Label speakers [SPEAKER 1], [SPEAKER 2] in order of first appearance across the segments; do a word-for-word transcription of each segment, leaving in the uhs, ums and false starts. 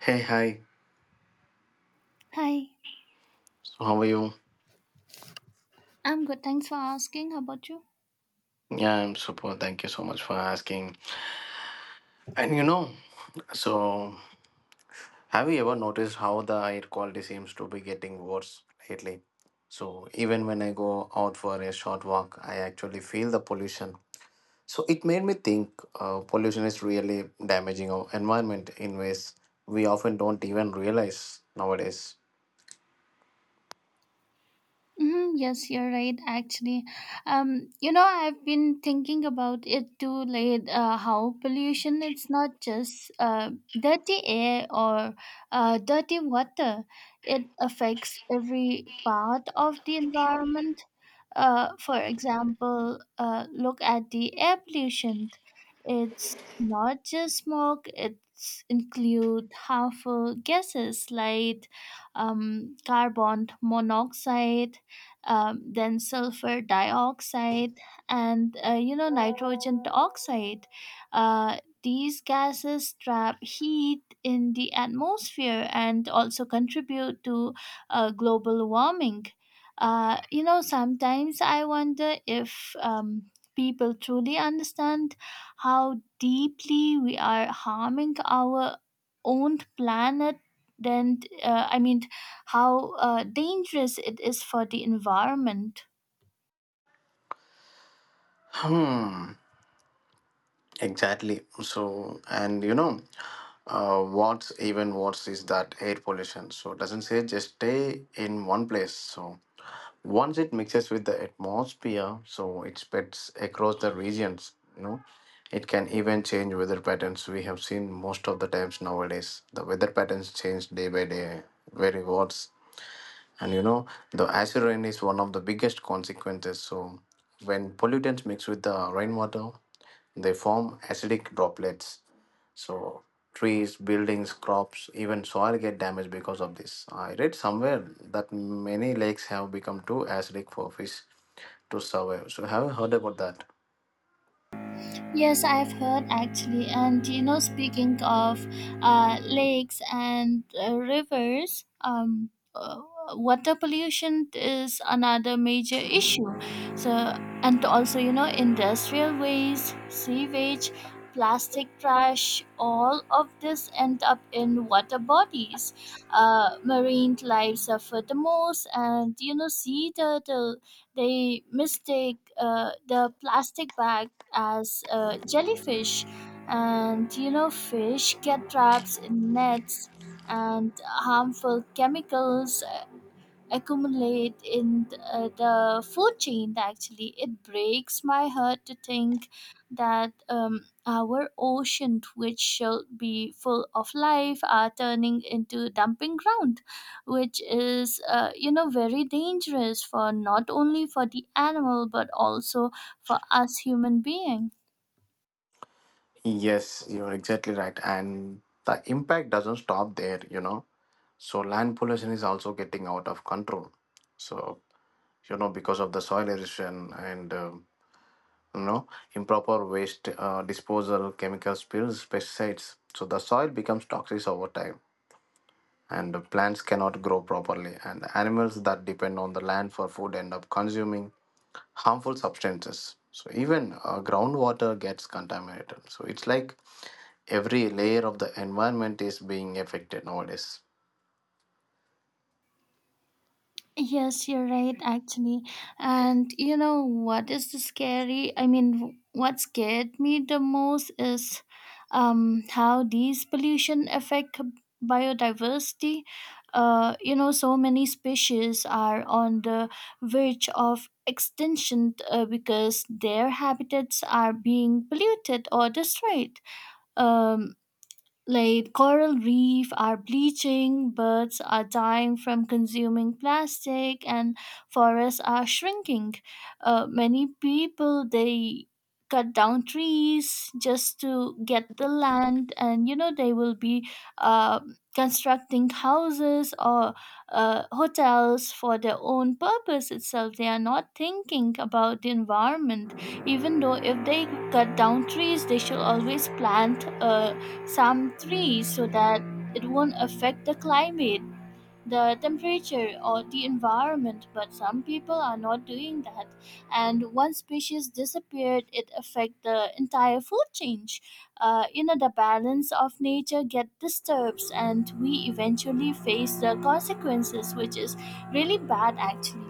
[SPEAKER 1] Hey, hi.
[SPEAKER 2] Hi,
[SPEAKER 1] So, how are you?
[SPEAKER 2] I'm good. Thanks for asking. How about you?
[SPEAKER 1] Yeah, I'm super. Thank you so much for asking. And you know, so have you ever noticed how the air quality seems to be getting worse lately? So, even when I go out for a short walk, I actually feel the pollution. So, it made me think uh, pollution is really damaging our environment in ways we often don't even realize nowadays.
[SPEAKER 2] Hmm, yes, you're right. Actually, um, you know, I've been thinking about it too late. Uh, how pollution it's not just uh, dirty air or uh, dirty water. It affects every part of the environment. Uh, for example, uh, look at the air pollution. It's not just smoke. It's include harmful gases like um, carbon monoxide, um, then sulfur dioxide, and uh, you know, nitrogen oxide. Uh, these gases trap heat in the atmosphere and also contribute to uh, global warming. Uh, you know, sometimes I wonder if um, people truly understand how deeply we are harming our own planet. Then uh, I mean, how uh, dangerous it is for the environment.
[SPEAKER 1] Hmm. Exactly. So, and you know, uh, what's even worse is that air pollution. So, it doesn't say just stay in one place. So, once it mixes with the atmosphere, so it spreads across the regions. You know, it can even change weather patterns. We have seen most of the times nowadays the weather patterns change day by day, very worse. And you know, the acid rain is one of the biggest consequences. So, when pollutants mix with the rainwater, they form acidic droplets. So trees, buildings, crops, even soil get damaged because of this. I read somewhere that many lakes have become too acidic for fish to survive. So have you heard about that?
[SPEAKER 2] Yes, I've heard actually. And you know, speaking of uh, lakes and uh, rivers, um, uh, water pollution is another major issue. So, and also, you know, industrial waste, sewage, plastic trash, all of this end up in water bodies. Uh, marine life suffer the most, and you know, sea turtle they mistake uh, the plastic bag as uh, jellyfish, and you know, fish get trapped in nets, and harmful chemicals uh, accumulate in th- uh, the food chain. Actually, it breaks my heart to think that um, our ocean, which should be full of life, are turning into dumping ground, which is uh, you know, very dangerous for not only for the animal but also for us human being.
[SPEAKER 1] Yes, you're exactly right. And the impact doesn't stop there, you know. So land pollution is also getting out of control. So, you know, because of the soil erosion and um you know improper waste uh, disposal, chemical spills, pesticides, so the soil becomes toxic over time, and the plants cannot grow properly, and the animals that depend on the land for food end up consuming harmful substances. So even uh, groundwater gets contaminated, so it's like every layer of the environment is being affected nowadays.
[SPEAKER 2] Yes, you're right, actually. And you know what is the scary? I mean, w- what scared me the most is um, how these pollution affect biodiversity. Uh, you know, so many species are on the verge of extinction uh, because their habitats are being polluted or destroyed. Um, like coral reef are bleaching, birds are dying from consuming plastic, and forests are shrinking. Uh, many people they cut down trees just to get the land, and you know, they will be uh, constructing houses or uh, hotels for their own purpose itself. They are not thinking about the environment. Even though if they cut down trees, they should always plant uh, some trees so that it won't affect the climate, the temperature, or the environment. But some people are not doing that. And one species disappeared, it affects the entire food chain. Uh, you know, the balance of nature get disturbed, and we eventually face the consequences, which is really bad actually.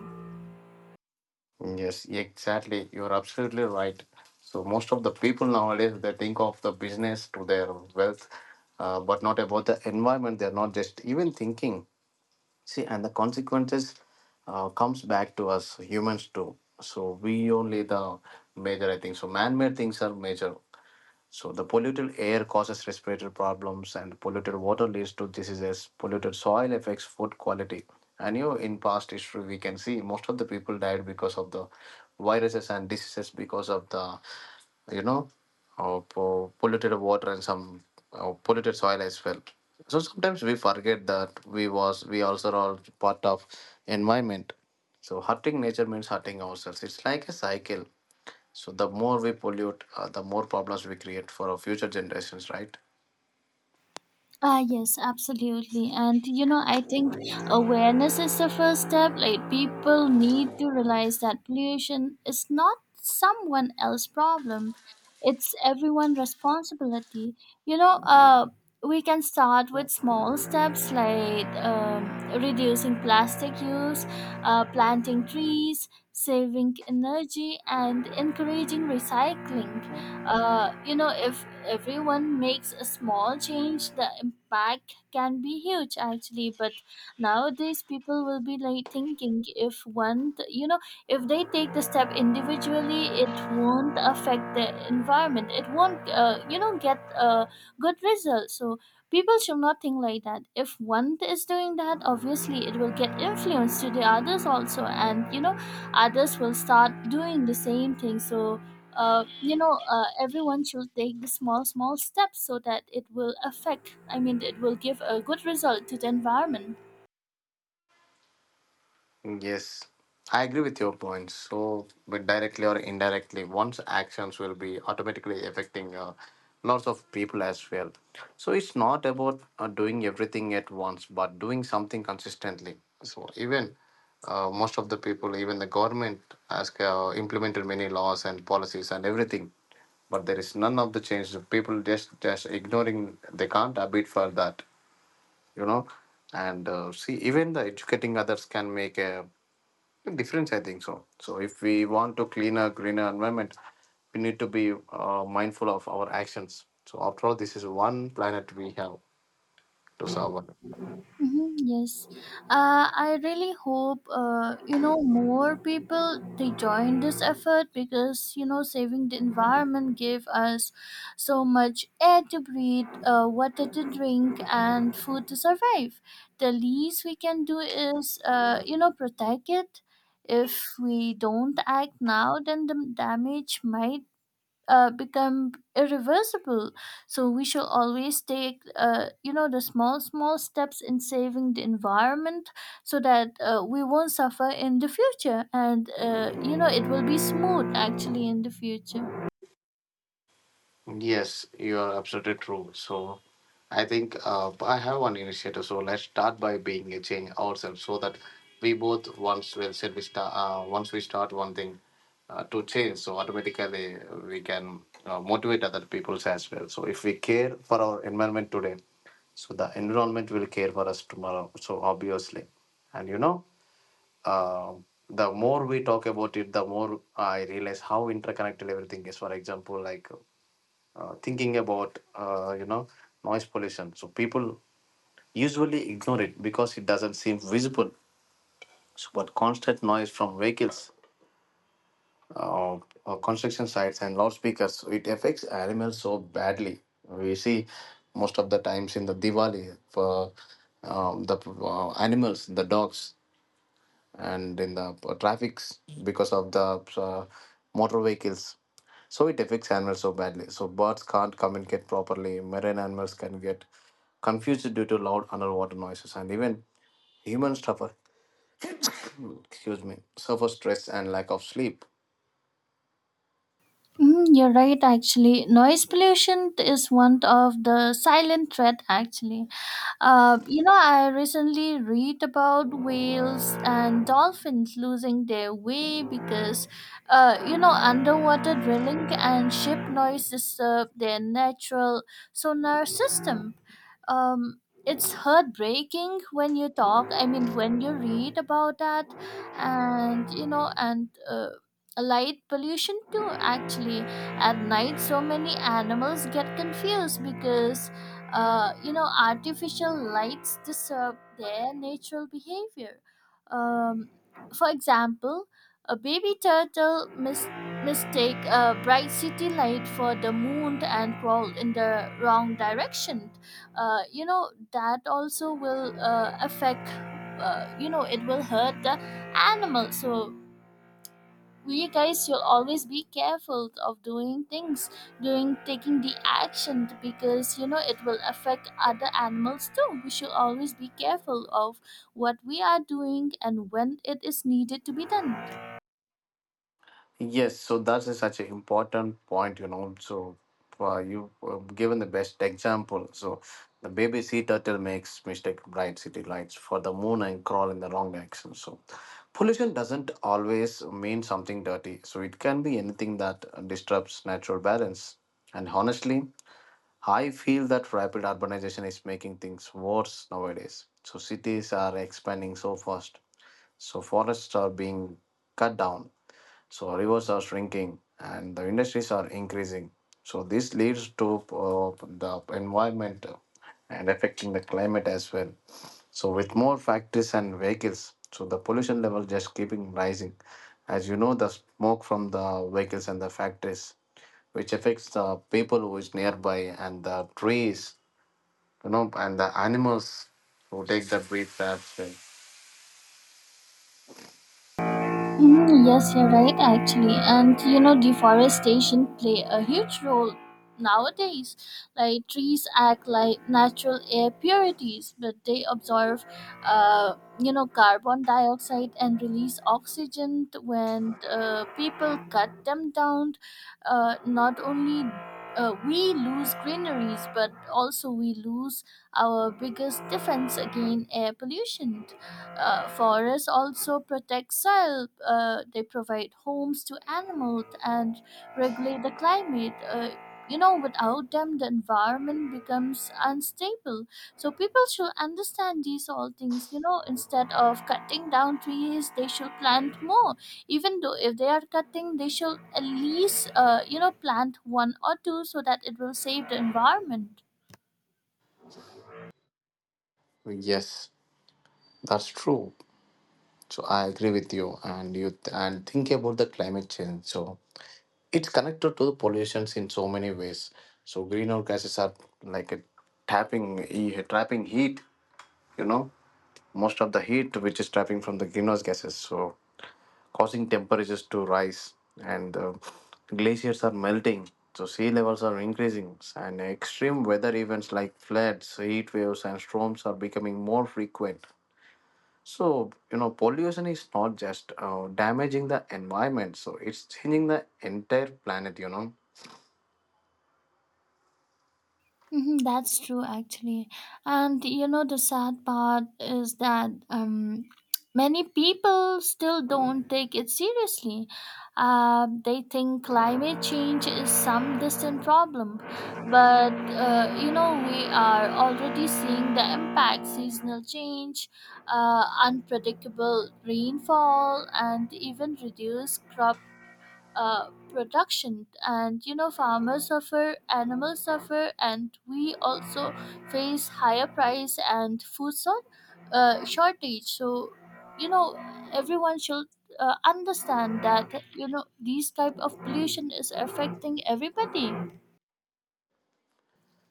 [SPEAKER 1] Yes, exactly. You're absolutely right. So most of the people nowadays they think of the business to their wealth, uh, but not about the environment. They're not just even thinking. See, and the consequences uh, comes back to us humans too. So we only the major, I think. So man-made things are major. So the polluted air causes respiratory problems, and polluted water leads to diseases. Polluted soil affects food quality. And you know, in past history, we can see most of the people died because of the viruses and diseases because of the, you know, uh, po- polluted water, and some uh, polluted soil as well. So sometimes we forget that we was we also are part of environment. So hurting nature means hurting ourselves. It's like a cycle. So the more we pollute, uh, the more problems we create for our future generations, right?
[SPEAKER 2] Ah, yes, absolutely. And you know, I think awareness is the first step. Like, people need to realize that pollution is not someone else's problem, it's everyone's responsibility. You know, uh, we can start with small steps like um, reducing plastic use, uh, planting trees, saving energy, and encouraging recycling. Uh, you know, if everyone makes a small change, the impact can be huge actually. But nowadays, people will be like thinking if one th- you know, if they take the step individually, it won't affect the environment, it won't uh, you know, get a good result. So people should not think like that. If one is doing that, obviously it will get influence to the others also, and you know, others will start doing the same thing. So uh, you know, uh, everyone should take the small small steps so that it will affect, I mean it will give a good result to the environment.
[SPEAKER 1] Yes, I agree with your point. So, but directly or indirectly, one's actions will be automatically affecting uh, lots of people as well. So, it's not about uh, doing everything at once, but doing something consistently. So, even uh, most of the people, even the government, has uh, implemented many laws and policies and everything, but there is none of the change. The People just just ignoring. They can't abide for that, you know. And uh, see, even the educating others can make a difference, I think. So so if we want to cleaner greener environment, we need to be uh, mindful of our actions. So after all, this is one planet we have to serve on.
[SPEAKER 2] Hmm, yes, uh, I really hope uh, you know, more people they join this effort, because you know, saving the environment give us so much air to breathe, uh, water to drink, and food to survive. The least we can do is uh, you know, protect it. If we don't act now, then the damage might uh, become irreversible. So we should always take uh, you know, the small small steps in saving the environment, so that uh, we won't suffer in the future, and uh, you know, it will be smooth actually in the future.
[SPEAKER 1] Yes, you are absolutely true. So, I think uh, I have one initiative. So let's start by being a change ourselves, so that we both once well said we start. Uh, Once we start one thing uh, to change, so automatically we can uh, motivate other peoples as well. So if we care for our environment today, so the environment will care for us tomorrow. So obviously, and you know, uh, the more we talk about it, the more I realize how interconnected everything is. For example, like uh, thinking about uh, you know noise pollution. So people usually ignore it because it doesn't seem visible so, but constant noise from vehicles uh, or construction sites and loudspeakers, it affects animals so badly. We see most of the times in the Diwali for um, the uh, animals, the dogs, and in the p- traffics because of the uh, motor vehicles. So it affects animals so badly. So birds can't communicate properly. Marine animals can get confused due to loud underwater noises, and even humans suffer. Excuse me, suffer stress and lack of sleep.
[SPEAKER 2] Mm, you're right actually, noise pollution is one of the silent threat actually. Uh, you know, I recently read about whales and dolphins losing their way because, uh, you know, underwater drilling and ship noise disturb their natural sonar system. um, it's heartbreaking when you talk, I mean when you read about that. And you know, and uh, light pollution too actually. At night, so many animals get confused because uh, you know, artificial lights disturb their natural behavior. Um, for example, a baby turtle mis- mistake a bright city light for the moon and crawled in the wrong direction. Uh, you know, that also will uh, affect, uh, you know, it will hurt the animal. So we guys should always be careful of doing things, doing taking the action, because you know, it will affect other animals too. We should always be careful of what we are doing and when it is needed to be done.
[SPEAKER 1] Yes, so that is such an important point, you know. So, uh, you uh, given the best example. So, the baby sea turtle makes mistake bright city lights for the moon and crawl in the wrong direction. So, pollution doesn't always mean something dirty. So, it can be anything that disrupts natural balance. And honestly, I feel that rapid urbanization is making things worse nowadays. So, cities are expanding so fast. So, forests are being cut down, so rivers are shrinking and the industries are increasing. So this leads to uh, the environment and affecting the climate as well. So with more factories and vehicles, so the pollution level just keeping rising. As you know, the smoke from the vehicles and the factories, which affects the people who is nearby, and the trees, you know, and the animals who take the breath as well.
[SPEAKER 2] Mm, yes, you're right, actually. And you know, deforestation play a huge role nowadays. Like trees act like natural air purities, but they absorb, uh, you know, carbon dioxide and release oxygen t- when uh, people cut them down. Uh, not only uh, we lose greeneries, but also we lose our biggest defense against air pollution. Uh, forests also protect soil. Uh, they provide homes to animals and regulate the climate. Uh, you know, without them, the environment becomes unstable. So people should understand these all things. You know, instead of cutting down trees, they should plant more. Even though if they are cutting, they should at least uh, you know, plant one or two so that it will save the environment.
[SPEAKER 1] Yes, that's true. So I agree with you, and you th- and think about the climate change. So it's connected to the pollutions in so many ways. So greenhouse gases are like a tapping e- trapping heat. You know, most of the heat which is trapping from the greenhouse gases, so causing temperatures to rise, and uh, glaciers are melting. So sea levels are increasing, and extreme weather events like floods, heat waves, and storms are becoming more frequent so, you know, pollution is not just uh, damaging the environment, so it's changing the entire planet, you know.
[SPEAKER 2] Mhm. That's true, actually. And you know, the sad part is that um, many people still don't take it seriously. Uh, they think climate change is some distant problem. But uh, you know, we are already seeing the impact: seasonal change, uh, unpredictable rainfall, and even reduced crop uh, production. And you know, farmers suffer, animals suffer, and we also face higher price and food sort, uh, shortage. So you know, everyone should uh, understand that you know, these type of pollution is affecting everybody,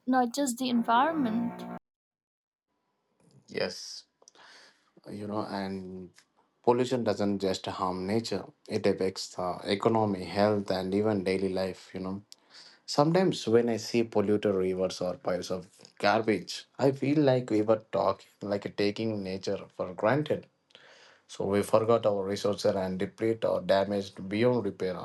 [SPEAKER 2] not just the environment.
[SPEAKER 1] Yes, you know, and pollution doesn't just harm nature, it affects the economy, health, and even daily life, you know. Sometimes when I see polluted rivers or piles of garbage, I feel like we were talking, like taking nature for granted. So we forgot our resources and deplete or damaged beyond repair.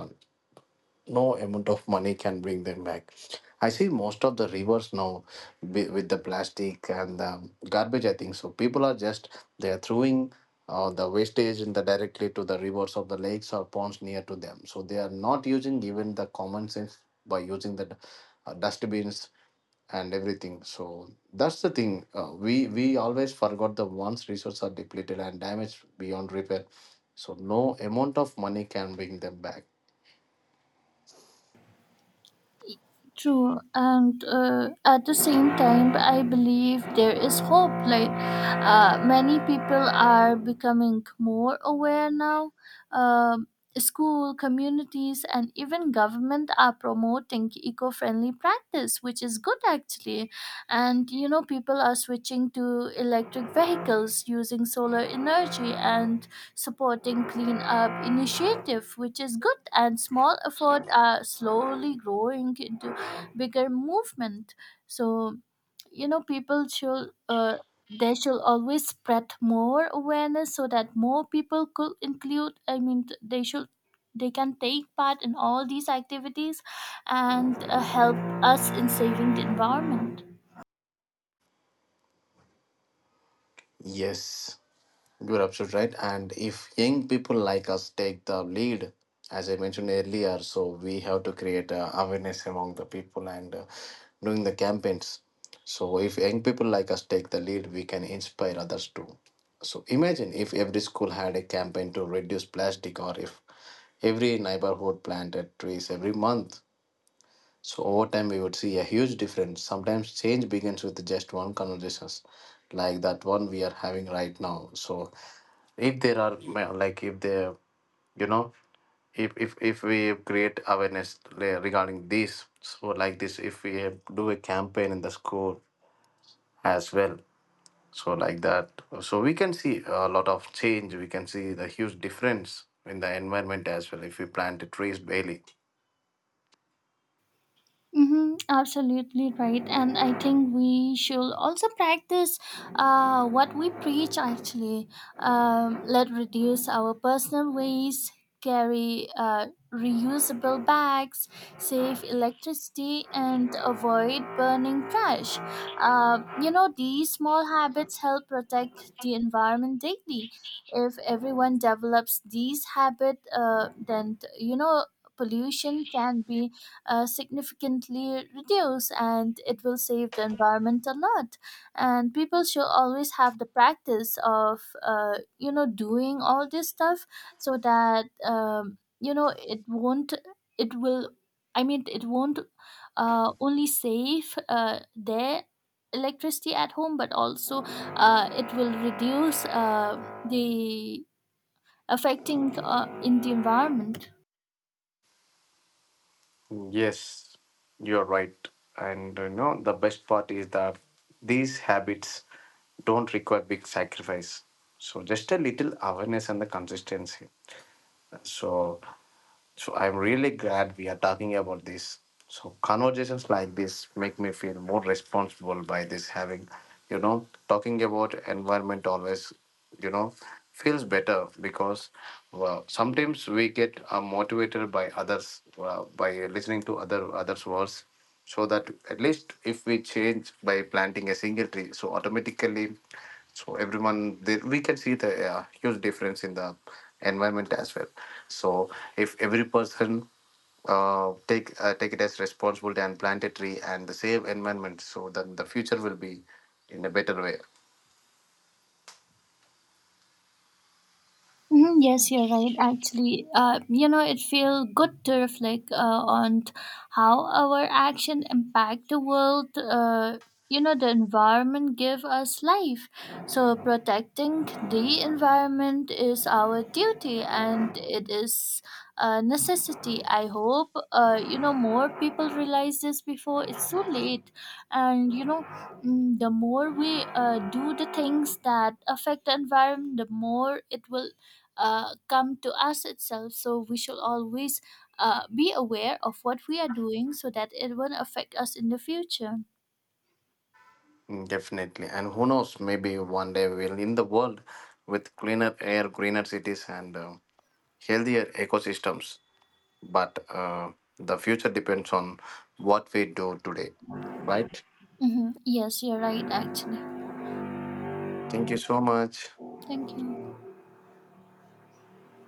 [SPEAKER 1] no amount of money can bring them back. I see most of the rivers now wi- with the plastic and the garbage. I think so. People are just they are throwing uh, the wastage in the directly to the rivers of the lakes or ponds near to them. So they are not using even the common sense by using the d- uh, dustbins and everything. So that's the thing. Uh, we we always forgot the once resources are depleted and damaged beyond repair. So no amount of money can bring them back.
[SPEAKER 2] True, and uh, at the same time, I believe there is hope. Like, uh, many people are becoming more aware now. Um School, communities, and even government are promoting eco friendly practice, which is good actually. And you know, people are switching to electric vehicles, using solar energy, and supporting cleanup initiative, which is good, and small efforts are slowly growing into bigger movement. So, you know, people should. Uh, they should always spread more awareness so that more people could include, I mean th- they should, they can take part in all these activities and uh, help us in saving the environment.
[SPEAKER 1] Yes. You're absolutely right. And if young people like us take the lead, as I mentioned earlier, so we have to create uh, awareness among the people and uh, doing the campaigns. So if young people like us take the lead, we can inspire others too. So imagine if every school had a campaign to reduce plastic, or if every neighborhood planted trees every month. So over time, we would see a huge difference. Sometimes change begins with just one conversations, like that one we are having right now. So if there are ma- like if there, you know, if if if we create awareness re- regarding this, so like this, if we do a campaign in the school as well, so like that, so we can see a lot of change. We can see the huge difference in the environment as well if we plant trees daily.
[SPEAKER 2] Mm-hmm, absolutely right. And I think we should also practice uh, what we preach actually. Um, let reduce our personal waste, carry uh, reusable bags, save electricity, and avoid burning trash. Uh, you know, these small habits help protect the environment daily. If everyone develops these habits, uh, then, you know, pollution can be uh, significantly reduce, and it will save the environment a lot. And people should always have the practice of uh, you know, doing all this stuff, so that um, you know, it won't, it will, I mean it won't uh, only save uh, their electricity at home, but also uh, it will reduce uh, the affecting uh, in the environment.
[SPEAKER 1] Yes, you're right. And you know, the best part is that these habits don't require big sacrifice. So just a little awareness and the consistency. So so I'm really glad we are talking about this. So conversations like this make me feel more responsible by this having, you know, talking about environment always, you know, feels better because well, sometimes we get uh, motivated by others uh, by listening to other others' words so that at least if we change by planting a single tree so automatically so everyone there we can see the uh, huge difference in the environment as well. So if every person uh, take uh, take it as responsibility and plant a tree and the same environment so then the future will be in a better way.
[SPEAKER 2] Hmm, yes, you're right. Actually, uh, you know, it feels good to reflect uh, on t- how our action impact the world. Uh, you know, the environment give us life, so protecting the environment is our duty and it is a necessity. I hope uh, you know, more people realize this before it's too late, and you know, mm, the more we uh, do the things that affect the environment, the more it will uh, come to us itself. So we should always uh, be aware of what we are doing so that it won't affect us in the future.
[SPEAKER 1] Mm, definitely. And who knows, maybe one day we'll in the world with cleaner air, greener cities, and uh, healthier ecosystems. But uh, the future depends on what we do today, right?
[SPEAKER 2] Hmm, yes, you're right, actually.
[SPEAKER 1] Thank you so much.
[SPEAKER 2] Thank you.